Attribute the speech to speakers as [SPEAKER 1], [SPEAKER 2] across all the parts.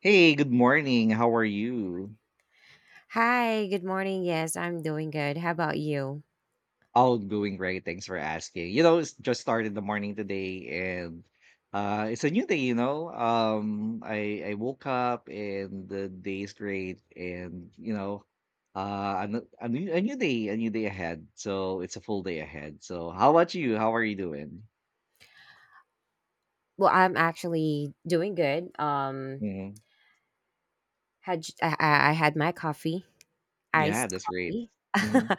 [SPEAKER 1] Hey, good morning. How are you?
[SPEAKER 2] Hi, good morning. Yes, I'm doing good. How about you?
[SPEAKER 1] All doing great. Thanks for asking. You know, it's just started the morning today, and it's a new day, you know. I woke up and the day is great and uh a, n- a new day ahead. So it's a full day ahead. So how about you? How are you doing?
[SPEAKER 2] Well, I'm actually doing good.
[SPEAKER 1] Hmm.
[SPEAKER 2] Had j- I had my coffee,
[SPEAKER 1] Yeah,
[SPEAKER 2] iced
[SPEAKER 1] that's great.
[SPEAKER 2] coffee.
[SPEAKER 1] Mm-hmm.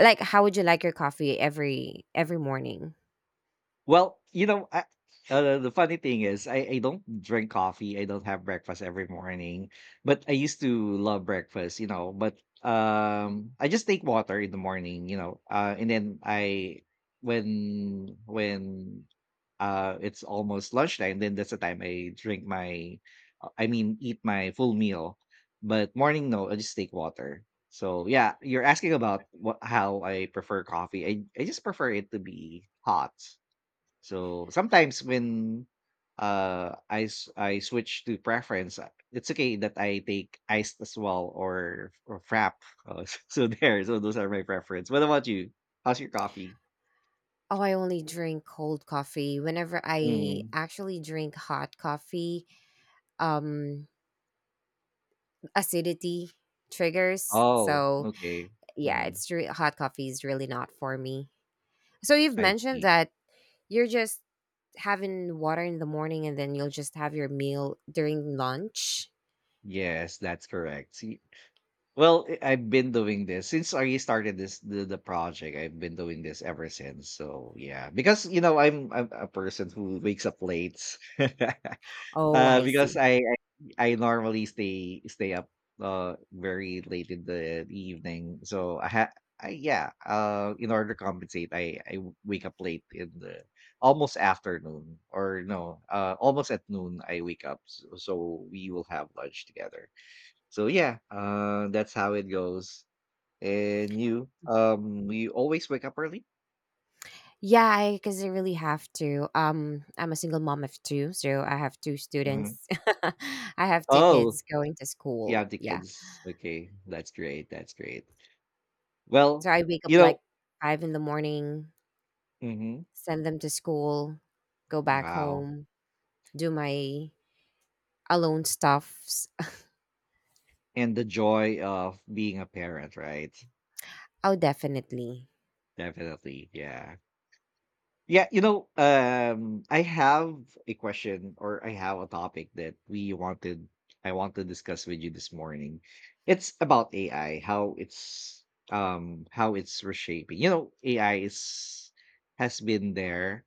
[SPEAKER 2] Like, how would you like your coffee every morning?
[SPEAKER 1] Well, the funny thing is, I don't drink coffee. I don't have breakfast every morning, but I used to love breakfast, you know. But I just take water in the morning, and then I when it's almost lunchtime, then that's the time I drink I mean, eat my full meal. But morning, no, I just take water. So yeah, you're asking about what how I prefer coffee. I just prefer it to be hot, so sometimes when I switch to preference, it's okay that I take iced as well or frap. So so those are my preference. What about you? How's your coffee?
[SPEAKER 2] Oh, I only drink cold coffee. Whenever I
[SPEAKER 1] Mm.
[SPEAKER 2] actually drink hot coffee, um, acidity triggers.
[SPEAKER 1] Oh,
[SPEAKER 2] So
[SPEAKER 1] okay.
[SPEAKER 2] yeah,
[SPEAKER 1] Mm,
[SPEAKER 2] hot coffee is really not for me. So you've
[SPEAKER 1] I
[SPEAKER 2] mentioned
[SPEAKER 1] see.
[SPEAKER 2] that you're just having water in the morning and then you'll just have your meal during lunch.
[SPEAKER 1] Yes, that's correct. See, well, I- I've been doing this since I started the project. I've been doing this ever since. So yeah, because you know I'm a person who wakes up late.
[SPEAKER 2] Oh, I
[SPEAKER 1] Because
[SPEAKER 2] see.
[SPEAKER 1] I normally stay up very late in the evening. So I ha I, yeah, In order to compensate, I wake up late in the almost afternoon, or no, almost at noon I wake up, so we will have lunch together. So yeah, that's how it goes. And you you always wake up early?
[SPEAKER 2] Yeah, I because I really have to. I'm a single mom of two, so I have two
[SPEAKER 1] Mhm.
[SPEAKER 2] students. I have two
[SPEAKER 1] Oh,
[SPEAKER 2] kids going to
[SPEAKER 1] you
[SPEAKER 2] school.
[SPEAKER 1] have the
[SPEAKER 2] Yeah,
[SPEAKER 1] kids. Okay, that's great. That's great. Well,
[SPEAKER 2] so I wake up
[SPEAKER 1] you know,
[SPEAKER 2] like 5 in the morning,
[SPEAKER 1] mhm.
[SPEAKER 2] send them to school, go back
[SPEAKER 1] Wow.
[SPEAKER 2] home, do my alone stuffs.
[SPEAKER 1] And the joy of being a parent, right?
[SPEAKER 2] Oh, definitely.
[SPEAKER 1] Definitely. Yeah. Yeah, you know, I have a question, or I have a topic that we wanted I want to discuss with you this morning. It's about AI, how it's reshaping. You know, AI is has been there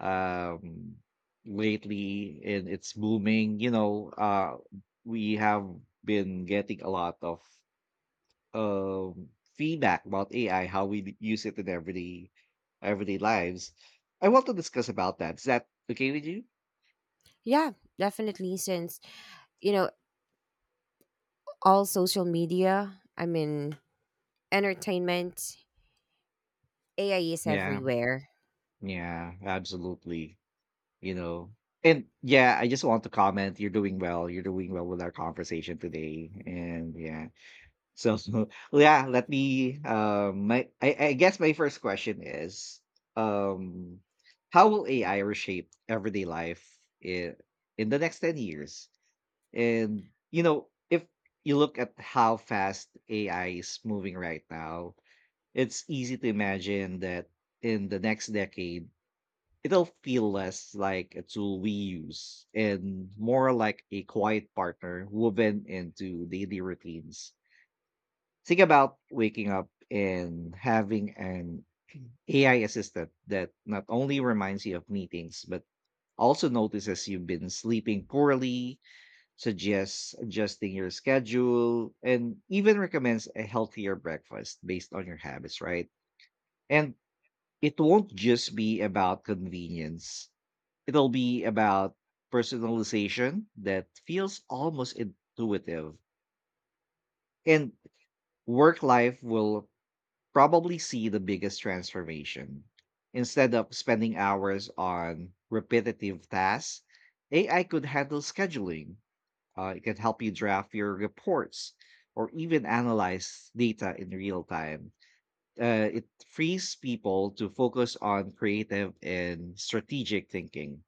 [SPEAKER 1] um lately and it's booming, you know, we have been getting a lot of um, feedback about AI, how we use it in everyday lives. I want to discuss about that. Is that okay with you?
[SPEAKER 2] Yeah, definitely. Since, you know, all social media, entertainment, AI is
[SPEAKER 1] Yeah,
[SPEAKER 2] everywhere.
[SPEAKER 1] yeah, absolutely. You know, and yeah, I just want to comment. You're doing well. You're doing well with our conversation today, and yeah. So yeah, let me. I guess my first question is, um, how will AI reshape everyday life in in the next 10 years? And you know, if you look at how fast AI is moving right now, it's easy to imagine that in the next decade, it'll feel less like a tool we use and more like a quiet partner woven into daily routines. Think about waking up and having an AI assistant that not only reminds you of meetings, but also notices you've been sleeping poorly, suggests adjusting your schedule, and even recommends a healthier breakfast based on your habits, right? And it won't just be about convenience, it'll be about personalization that feels almost intuitive. And work life will probably see the biggest transformation. Instead of spending hours on repetitive tasks, AI could handle scheduling. It can help you draft your reports or even analyze data in real time. It frees people to focus on creative and strategic thinking.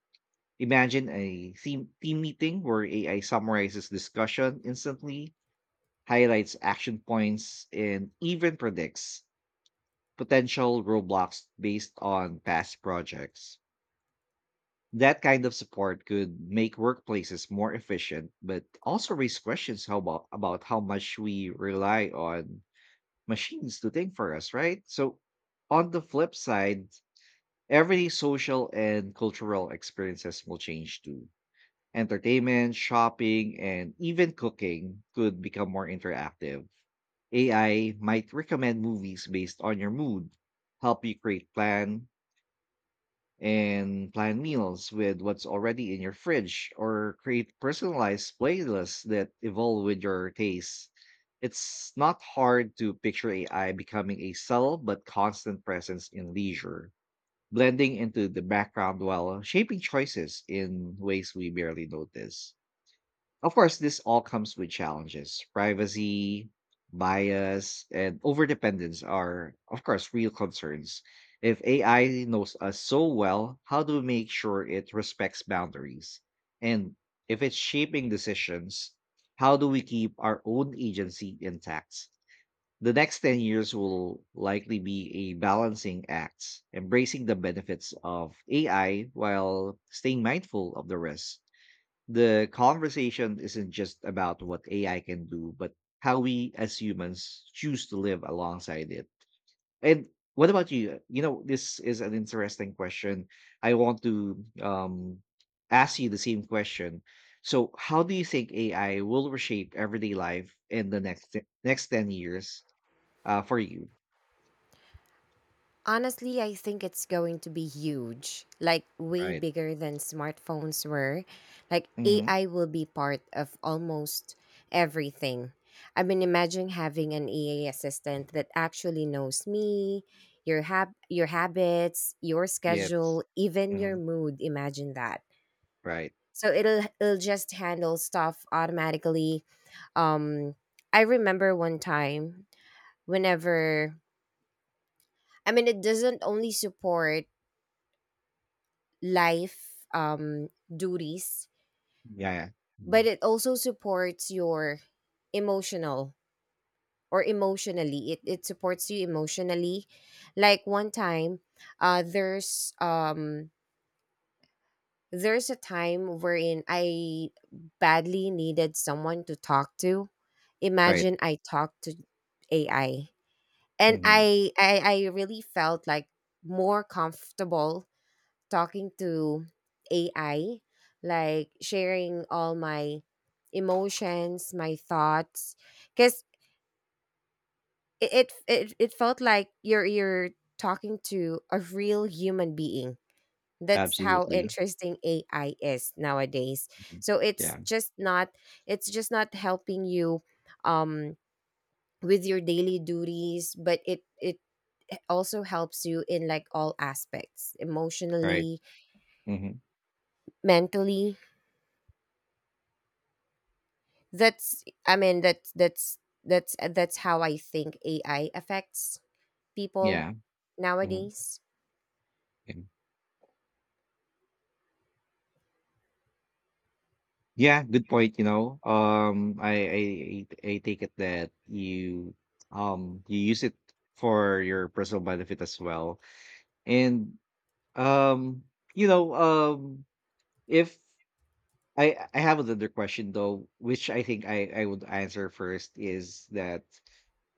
[SPEAKER 1] Imagine a team meeting where AI summarizes discussion instantly, highlights action points, and even predicts potential roadblocks based on past projects. That kind of support could make workplaces more efficient, but also raise questions about how much we rely on machines to think for us, right? So, on the flip side, every social and cultural experiences will change too. Entertainment, shopping, and even cooking could become more interactive. AI might recommend movies based on your mood, help you create plan, and plan meals with what's already in your fridge, or create personalized playlists that evolve with your tastes. It's not hard to picture AI becoming a subtle but constant presence in leisure, blending into the background while shaping choices in ways we barely notice. Of course, this all comes with challenges. Privacy, bias, and overdependence are, of course, real concerns. If AI knows us so well, how do we make sure it respects boundaries? And if it's shaping decisions, how do we keep our own agency intact? The next 10 years will likely be a balancing act, embracing the benefits of AI while staying mindful of the risks. The conversation isn't just about what AI can do, but how we as humans choose to live alongside it. And what about you? You know, this is an interesting question. I want to ask you the same question. So, how do you think AI will reshape everyday life in the next 10 years for you?
[SPEAKER 2] Honestly, I think it's going to be huge, like way
[SPEAKER 1] Right.
[SPEAKER 2] bigger than smartphones were. Like
[SPEAKER 1] Mm-hmm.
[SPEAKER 2] AI will be part of almost everything. I mean, imagine having an AI assistant that actually knows me, your habits, your
[SPEAKER 1] Yes.
[SPEAKER 2] schedule, even your
[SPEAKER 1] Hmm.
[SPEAKER 2] mood. Imagine that.
[SPEAKER 1] Right.
[SPEAKER 2] So it'll just handle stuff automatically. Um, I remember one time whenever I mean, it doesn't only support life duties,
[SPEAKER 1] Yeah. Yeah.
[SPEAKER 2] but
[SPEAKER 1] Mhm.
[SPEAKER 2] it also supports your emotional emotionally. It supports you emotionally. Like one time, uh, there's um, there's a time wherein I badly needed someone to talk to.
[SPEAKER 1] Right.
[SPEAKER 2] Imagine I talked to AI, and
[SPEAKER 1] Hmm.
[SPEAKER 2] I really felt like more comfortable talking to AI, like sharing all my emotions, my thoughts, because it felt like you're talking to a real human being. That's how
[SPEAKER 1] Absolutely.
[SPEAKER 2] interesting AI is nowadays.
[SPEAKER 1] Mhm.
[SPEAKER 2] So
[SPEAKER 1] Yeah.
[SPEAKER 2] it's just not helping you um with your daily duties, but it also helps you in like all aspects,
[SPEAKER 1] Right.
[SPEAKER 2] emotionally,
[SPEAKER 1] Hmm.
[SPEAKER 2] mentally. That's i mean that's that's that's uh, that's how I think AI affects people
[SPEAKER 1] Yeah. Mhm.
[SPEAKER 2] nowadays.
[SPEAKER 1] And yeah, good point, you know. I take it that you you use it for your personal benefit as well. And um you know, um if I have another question, though, which I think I would answer first, is that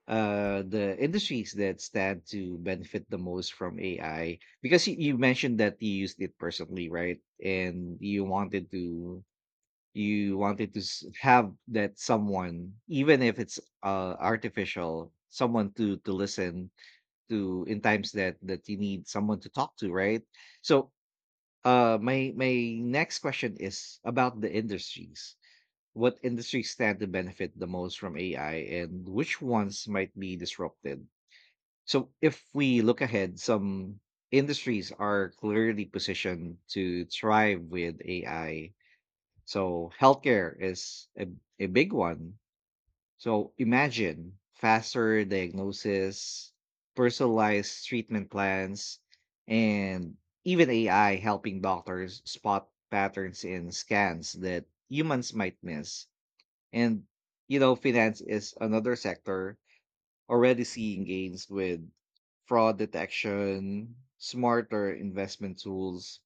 [SPEAKER 1] the industries that stand to benefit the most from AI, because you mentioned that you used it personally, right? And you wanted to s- have that someone, even if it's artificial someone, to listen to in times that you need someone to talk to, right? So my next question is about the industries: what industries stand to benefit the most from AI and which ones might be disrupted? So if we look ahead, some industries are clearly positioned to thrive with AI. So healthcare is a big one. So imagine faster diagnosis, personalized treatment plans, and even AI helping doctors spot patterns in scans that humans might miss. And, you know, finance is another sector already seeing gains with fraud detection, smarter investment tools,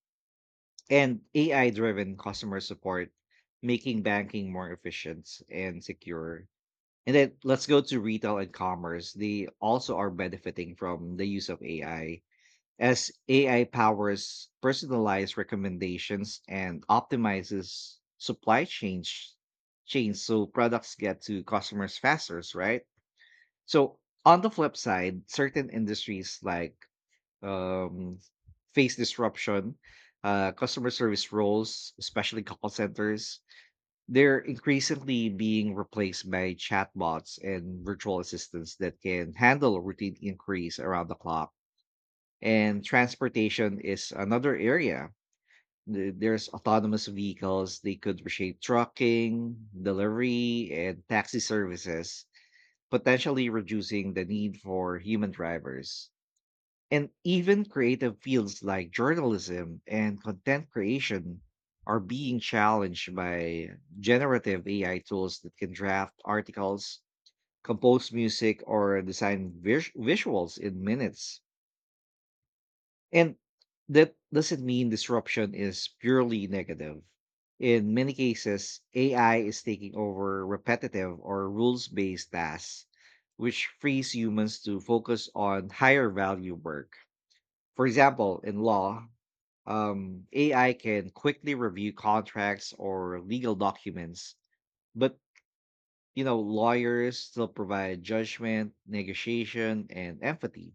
[SPEAKER 1] and AI driven customer support, making banking more efficient and secure. And then let's go to retail and commerce. They also are benefiting from the use of AI, as AI powers personalized recommendations and optimizes supply chains, so products get to customers faster, right? So on the flip side, certain industries um, face disruption. Uh, customer service roles, especially call centers, they're increasingly being replaced by chatbots and virtual assistants that can handle routine inquiries around the clock. And transportation is another area. There's autonomous vehicles, they could reshape trucking, delivery, and taxi services, potentially reducing the need for human drivers. And even creative fields like journalism and content creation are being challenged by generative AI tools that can draft articles, compose music, or design visuals in minutes. And that doesn't mean disruption is purely negative. In many cases, AI is taking over repetitive or rules based tasks, which frees humans to focus on higher value work. For example, in law, AI can quickly review contracts or legal documents, but you know, lawyers still provide judgment, negotiation, and empathy.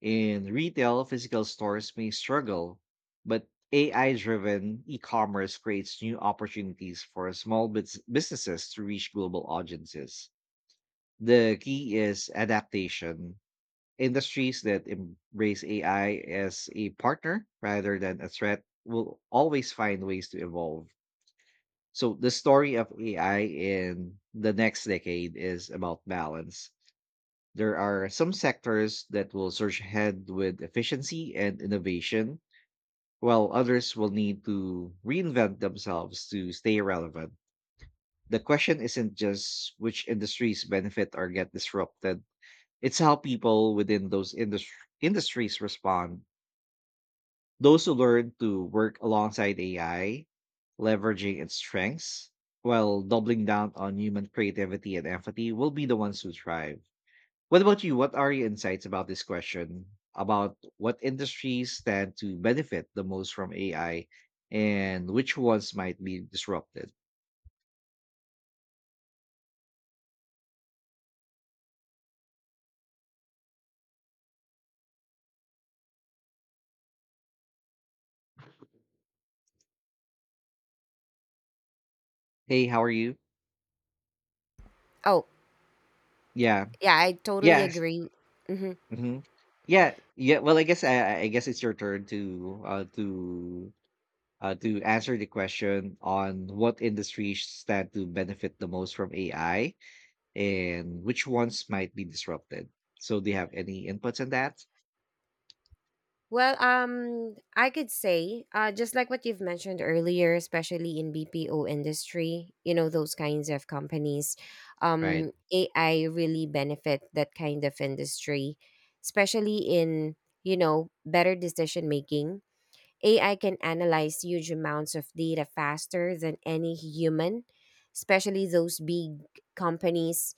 [SPEAKER 1] In retail, physical stores may struggle, but AI-driven e-commerce creates new opportunities for small businesses to reach global audiences. The key is adaptation. Industries that embrace AI as a partner rather than a threat will always find ways to evolve. So, the story of AI in the next decade is about balance. There are some sectors that will surge ahead with efficiency and innovation, while others will need to reinvent themselves to stay relevant. The question isn't just which industries benefit or get disrupted, it's how people within those industries industries respond. Those who learn to work alongside AI, leveraging its strengths while doubling down on human creativity and empathy, will be the ones who thrive. What about you? What are your insights about this question? About what industries stand to benefit the most from AI and which ones might be disrupted? Hey, how are you?
[SPEAKER 2] Oh
[SPEAKER 1] Yeah.
[SPEAKER 2] yeah, I totally
[SPEAKER 1] Yes.
[SPEAKER 2] agree. hmm
[SPEAKER 1] Hmm. Yeah. Yeah. Well, I guess it's your turn to to answer the question on what industries stand to benefit the most from AI and which ones might be disrupted. So, do you have any inputs on that?
[SPEAKER 2] well um i could say, just like what you've mentioned earlier, especially in BPO industry, you know, those kinds of companies,
[SPEAKER 1] Right,
[SPEAKER 2] AI really benefit that kind of industry, especially in, you know, better decision making. AI can analyze huge amounts of data faster than any human, especially those big companies.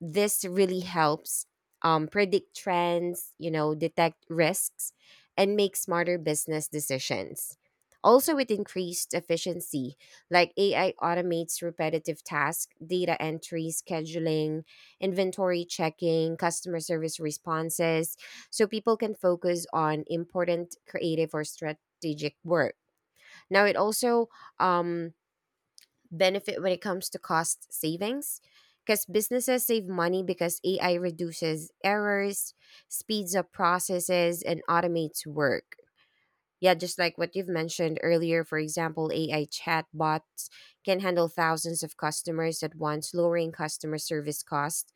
[SPEAKER 2] This really helps, predict trends, you know, detect risks, and make smarter business decisions. Also, with increased efficiency, like AI automates repetitive tasks, data entry, scheduling, inventory checking, customer service responses, so people can focus on important creative or strategic work. Now, it also um, benefit when it comes to cost savings, because businesses save money because AI reduces errors, speeds up processes, and automates work. Yeah, just like what you've mentioned earlier, for example, AI chatbots can handle thousands of customers at once, lowering customer service costs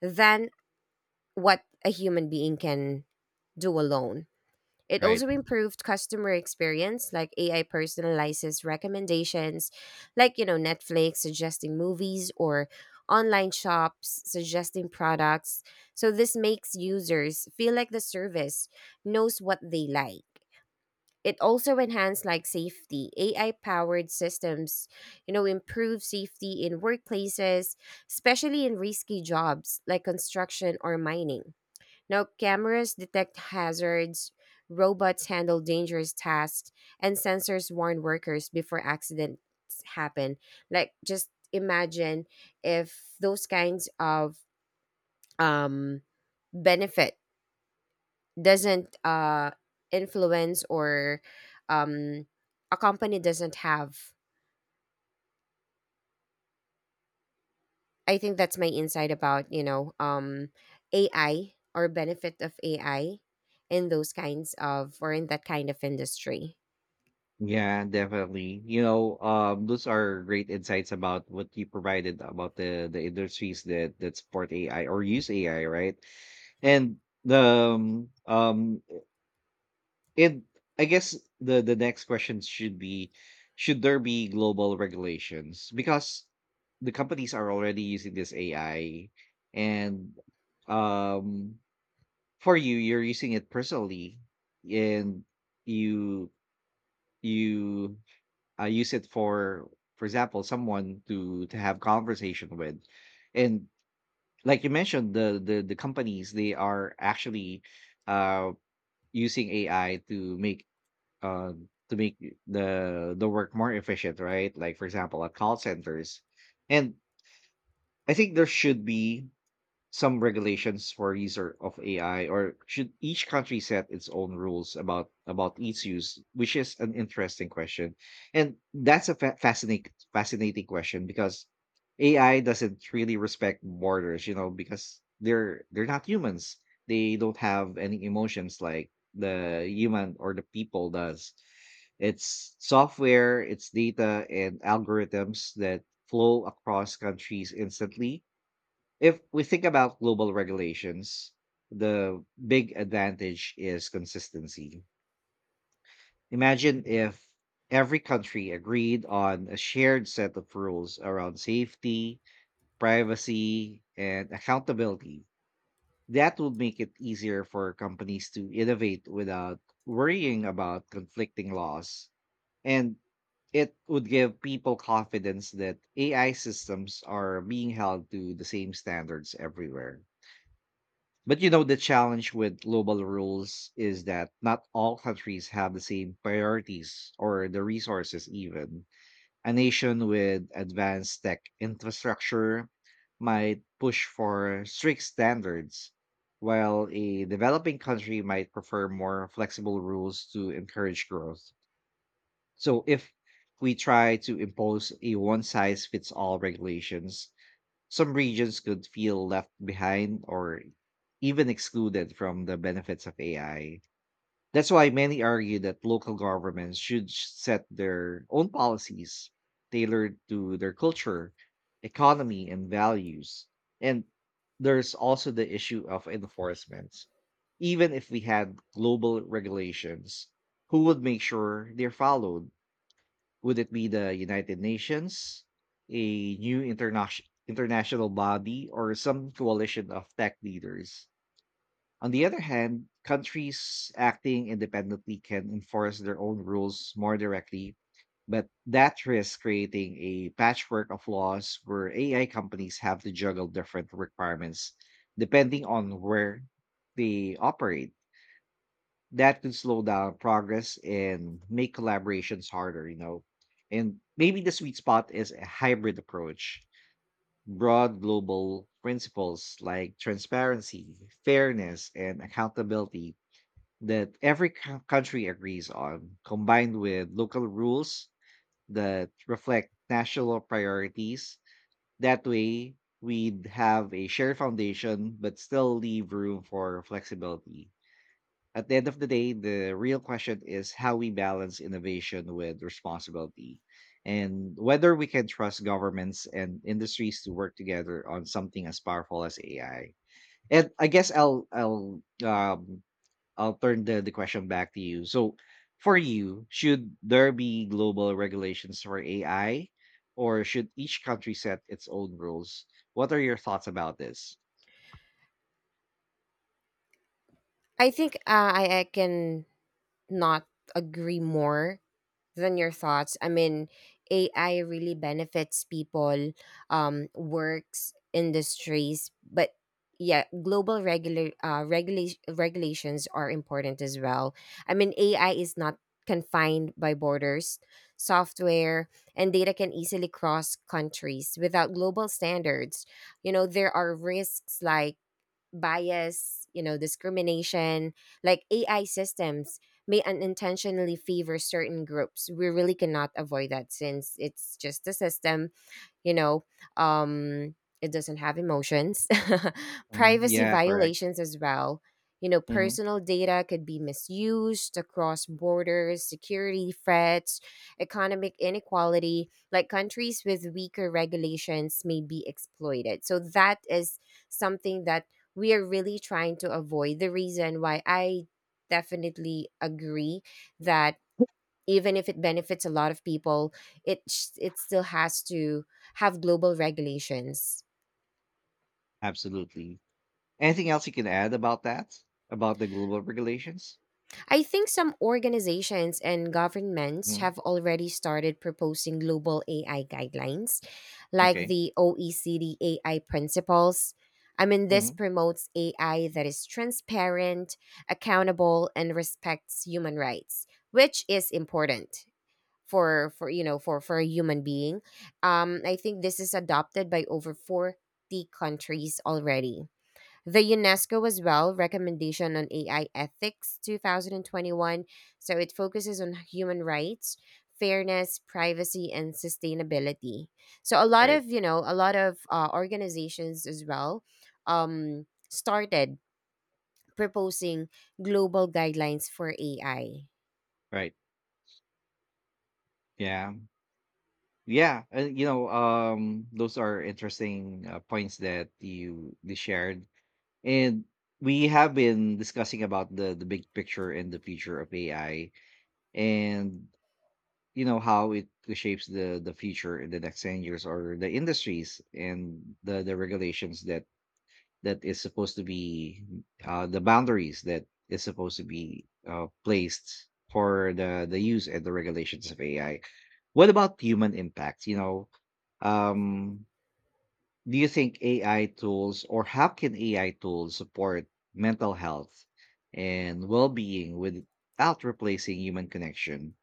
[SPEAKER 2] than what a human being can do alone. It
[SPEAKER 1] right.
[SPEAKER 2] also improved customer experience, like AI personalizes recommendations, like, you know, Netflix suggesting movies or online shops suggesting products. So this makes users feel like the service knows what they like. It also enhanced like safety. AI powered systems, you know, improve safety in workplaces, especially in risky jobs like construction or mining. Now, cameras detect hazards, robots handle dangerous tasks, and sensors warn workers before accidents happen. Like, just imagine if those kinds of um, benefit doesn't influence, or um, a company doesn't have. I think that's my insight about, you know, AI or benefit of AI in those kinds of or in that kind of industry.
[SPEAKER 1] Yeah, definitely. You know, those are great insights about what you provided about the industries that support AI or use AI, right? And the um, um And I guess the next question should be, should there be global regulations? Because the companies are already using this AI, and um for you're using it personally, and you you use it for example, someone to have conversation with. And like you mentioned, the the companies, they are actually uh using AI to make, uh, to make the work more efficient, right? Like for example, at call centers, and I think there should be some regulations for of AI, or should each country set its own rules about its use? Which is an interesting question, and that's a fascinating question because AI doesn't really respect borders, you know, because they're not humans. They don't have any emotions like the human or the people does. It's software, it's data, and algorithms that flow across countries instantly. If we think about global regulations, the big advantage is consistency. Imagine if every country agreed on a shared set of rules around safety, privacy, and accountability. That would make it easier for companies to innovate without worrying about conflicting laws. And it would give people confidence that AI systems are being held to the same standards everywhere. But you know, the challenge with global rules is that not all countries have the same priorities or the resources, even. A nation with advanced tech infrastructure might push for strict standards, while a developing country might prefer more flexible rules to encourage growth. So if we try to impose a one size fits all regulations, some regions could feel left behind or even excluded from the benefits of AI. That's why many argue that local governments should set their own policies tailored to their culture, economy, and values. And there's also the issue of enforcement. Even if we had global regulations, who would make sure they're followed? Would it be the United Nations, a new international body, or some coalition of tech leaders? On the other hand, countries acting independently can enforce their own rules more directly, but that risks creating a patchwork of laws where AI companies have to juggle different requirements depending on where they operate. That could slow down progress and make collaborations harder, you know. And maybe the sweet spot is a hybrid approach: broad global principles like transparency, fairness, and accountability that every country agrees on, combined with local rules that reflect national priorities. That way, we'd have a shared foundation, but still leave room for flexibility. At the end of the day, the real question is how we balance innovation with responsibility and whether we can trust governments and industries to work together on something as powerful as AI. And I guess I'll turn the question back to you. So for you, should there be global regulations for AI, or should each country set its own rules? What are your thoughts about this?
[SPEAKER 2] I think I can not agree more than your thoughts. I mean, AI really benefits people, works, industries, but yeah, global regular regulation regulations are important as well. I mean, AI is not confined by borders. Software and data can easily cross countries without global standards. You know, there are risks like bias, you know, discrimination, like AI systems may unintentionally favor certain groups. We really cannot avoid that since it's just a system, you know, um it doesn't have emotions.
[SPEAKER 1] Mhm.
[SPEAKER 2] Privacy
[SPEAKER 1] Yeah, correct.
[SPEAKER 2] violations as well, you know,
[SPEAKER 1] Hmm.
[SPEAKER 2] personal data could be misused across borders, security threats, economic inequality, like countries with weaker regulations may be exploited. So that is something that we are really trying to avoid, the reason why I definitely agree that even if it benefits a lot of people, it still has to have global regulations.
[SPEAKER 1] Absolutely. Anything else you can add about that? About the global regulations?
[SPEAKER 2] I think some organizations and governments
[SPEAKER 1] Mhm.
[SPEAKER 2] have already started proposing global AI guidelines, like
[SPEAKER 1] Okay.
[SPEAKER 2] the OECD AI principles. I mean, this
[SPEAKER 1] Mhm.
[SPEAKER 2] promotes AI that is transparent, accountable, and respects human rights, which is important for you know, for a human being. I think this is adopted by over 40 countries already. The UNESCO as well recommendation on AI ethics 2021, so it focuses on human rights, fairness, privacy, and sustainability. So a lot
[SPEAKER 1] Right.
[SPEAKER 2] of, you know, a lot of organizations as well started proposing global guidelines for AI.
[SPEAKER 1] Right. Yeah. Yeah. And you know, those are interesting points that you shared, and we have been discussing about the big picture and the future of AI, and you know how it shapes the future in the next ten years, or the industries and the regulations that is supposed to be, the boundaries that is supposed to be placed for the use and the regulations of AI. What about human impact? You know, um, do you think AI tools, or how can AI tools support mental health and well being without replacing human connection?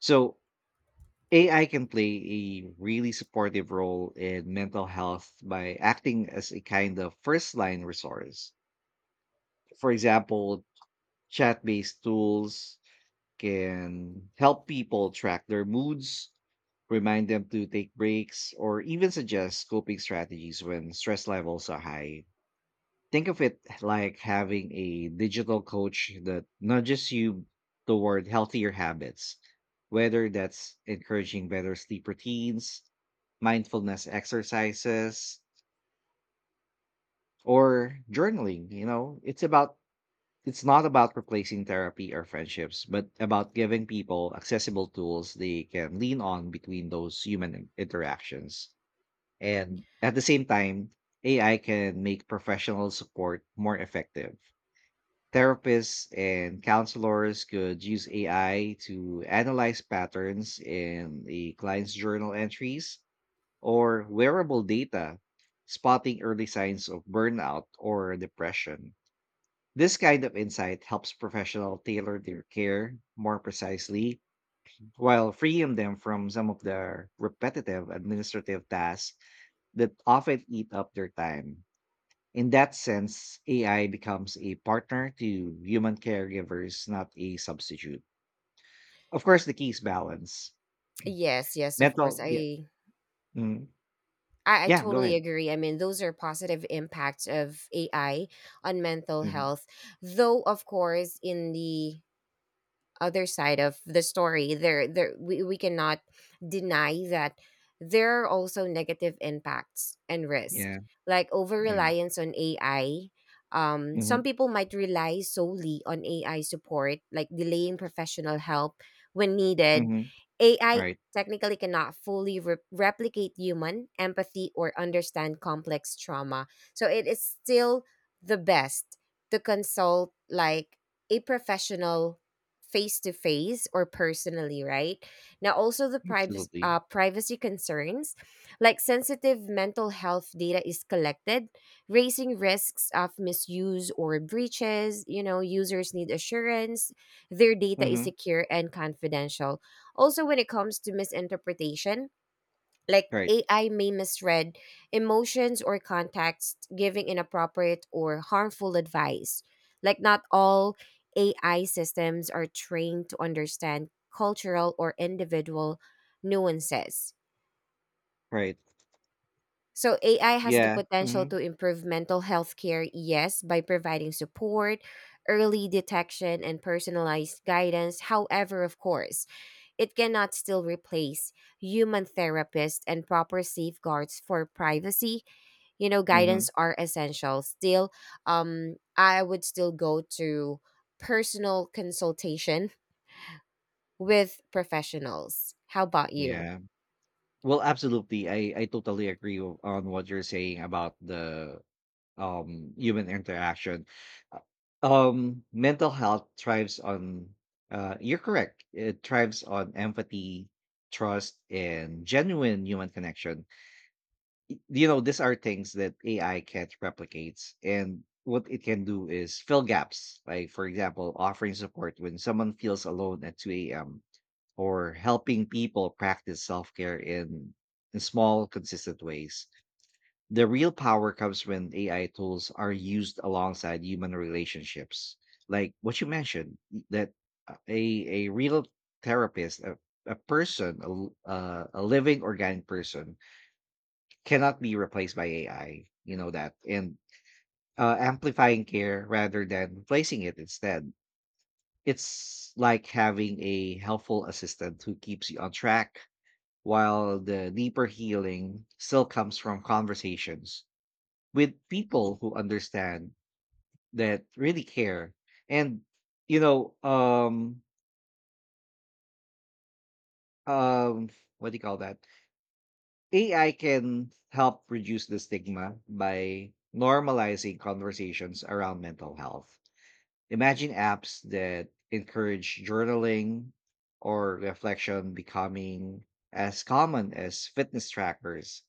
[SPEAKER 1] So AI can play a really supportive role in mental health by acting as a kind of first line resource. For example, chat based tools can help people track their moods, remind them to take breaks, or even suggest coping strategies when stress levels are high. Think of it like having a digital coach that nudges you toward healthier habits, whether that's encouraging better sleep routines, mindfulness exercises, or journaling. You know, it's not about replacing therapy or friendships, but about giving people accessible tools they can lean on between those human interactions. And at the same time, AI can make professional support more effective. Therapists and counselors could use AI to analyze patterns in a client's journal entries or wearable data, spotting early signs of burnout or depression. This kind of insight helps professionals tailor their care more precisely while freeing them from some of the repetitive administrative tasks that often eat up their time. In that sense, AI becomes a partner to human caregivers, not a substitute. Of course, the key is balance.
[SPEAKER 2] Yes, yes, of course,
[SPEAKER 1] Mental, yeah, mm,
[SPEAKER 2] I
[SPEAKER 1] yeah. Go
[SPEAKER 2] totally
[SPEAKER 1] ahead.
[SPEAKER 2] agree. I mean, those are positive impacts of AI on mental
[SPEAKER 1] Hmm.
[SPEAKER 2] health. Though, of course, in the other side of the story, there we cannot deny that there are also negative impacts and
[SPEAKER 1] Yeah,
[SPEAKER 2] risks, like over
[SPEAKER 1] yeah.
[SPEAKER 2] reliance on AI. Some
[SPEAKER 1] Hmm.
[SPEAKER 2] people might rely solely on AI support, like delaying professional help when needed.
[SPEAKER 1] Hmm.
[SPEAKER 2] AI
[SPEAKER 1] Right,
[SPEAKER 2] technically cannot fully replicate human empathy or understand complex trauma, so it is still the best to consult like a professional face to face or personally, right? Now, also the
[SPEAKER 1] absolutely.
[SPEAKER 2] privacy concerns, like sensitive mental health data is collected, raising risks of misuse or breaches. You know, users need assurance their data is
[SPEAKER 1] Hmm.
[SPEAKER 2] secure and confidential. Also, when it comes to misinterpretation, like
[SPEAKER 1] Right,
[SPEAKER 2] AI may misread emotions or context, giving inappropriate or harmful advice. Like, not all AI systems are trained to understand cultural or individual nuances.
[SPEAKER 1] right.
[SPEAKER 2] So, AI has the
[SPEAKER 1] Yeah.
[SPEAKER 2] potential
[SPEAKER 1] Hmm.
[SPEAKER 2] to improve mental health care, yes, by providing support, early detection, and personalized guidance. However, of course, it cannot still replace human therapists, and proper safeguards for privacy, you know,
[SPEAKER 1] Hmm.
[SPEAKER 2] guidance are essential still. I would still go to personal consultation with professionals. How about you?
[SPEAKER 1] Yeah. Well, absolutely. I totally agree on what you're saying about the human interaction. Uh, mental health thrives on, you're correct. It thrives on empathy, trust, and genuine human connection. You know, these are things that AI can't replicate, and what it can do is fill gaps. Like for example, offering support when someone feels alone at 2 a.m, or helping people practice self-care in small consistent ways. The real power comes when AI tools are used alongside human relationships. Like what you mentioned, that a real therapist, a person, a living organic person cannot be replaced by AI. You know that. And amplifying care rather than replacing it instead. It's like having a helpful assistant who keeps you on track while the deeper healing still comes from conversations with people who understand, that really care. And you know um um what do you call that, AI can help reduce the stigma by normalizing conversations around mental health. Imagine apps that encourage journaling or reflection becoming as common as fitness trackers.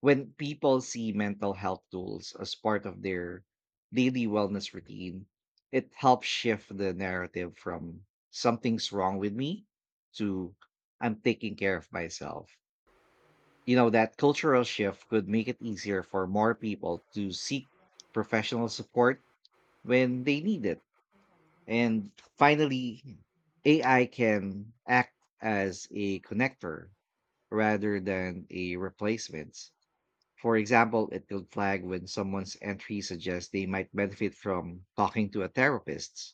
[SPEAKER 1] When people see mental health tools as part of their daily wellness routine, it helps shift the narrative from "something's wrong with me" to "I'm taking care of myself." You know, that cultural shift could make it easier for more people to seek professional support when they need it. And finally, AI can act as a connector rather than a replacement. For example, it will flag when someone's entry suggests they might benefit from talking to a therapist,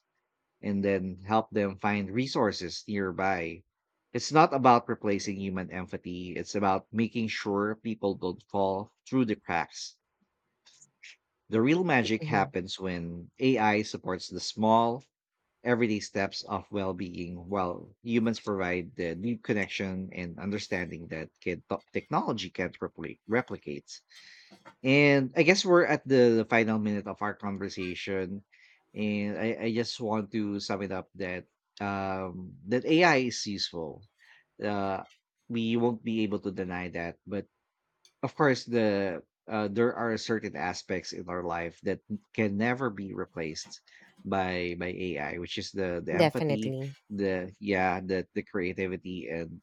[SPEAKER 1] and then help them find resources nearby. It's not about replacing human empathy, it's about making sure people don't fall through the cracks. The real magic
[SPEAKER 2] Mhm.
[SPEAKER 1] happens when AI supports the small, everyday steps of well being, while humans provide the deep connection and understanding that technology can't replicate. And I guess we're at final minute of our conversation. And I just want to sum it up that that AI is useful. Uh, we won't be able to deny that, but of course, there are certain aspects in our life that can never be replaced by AI, which is the empathy,
[SPEAKER 2] Definitely.
[SPEAKER 1] the creativity and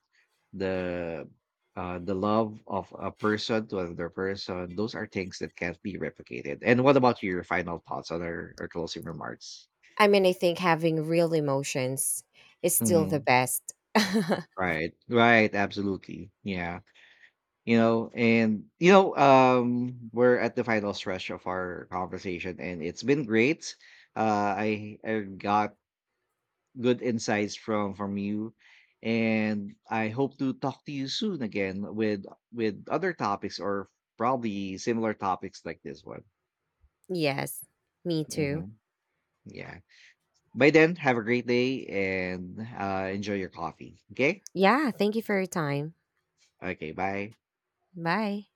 [SPEAKER 1] the the love of a person to another person. Those are things that can't be replicated. And what about your final thoughts on our closing remarks?
[SPEAKER 2] I mean, I think having real emotions is still the
[SPEAKER 1] Mhm.
[SPEAKER 2] best.
[SPEAKER 1] Right, right, absolutely, yeah. You know, and you know, we're at the final stretch of our conversation, and it's been great. I got good insights from you, and I hope to talk to you soon again with other topics, or probably similar topics like this one.
[SPEAKER 2] Yes, me too.
[SPEAKER 1] Hmm. Yeah. By then, have a great day, and enjoy your coffee, okay?
[SPEAKER 2] Yeah, thank you for your time.
[SPEAKER 1] Okay, bye.
[SPEAKER 2] Bye.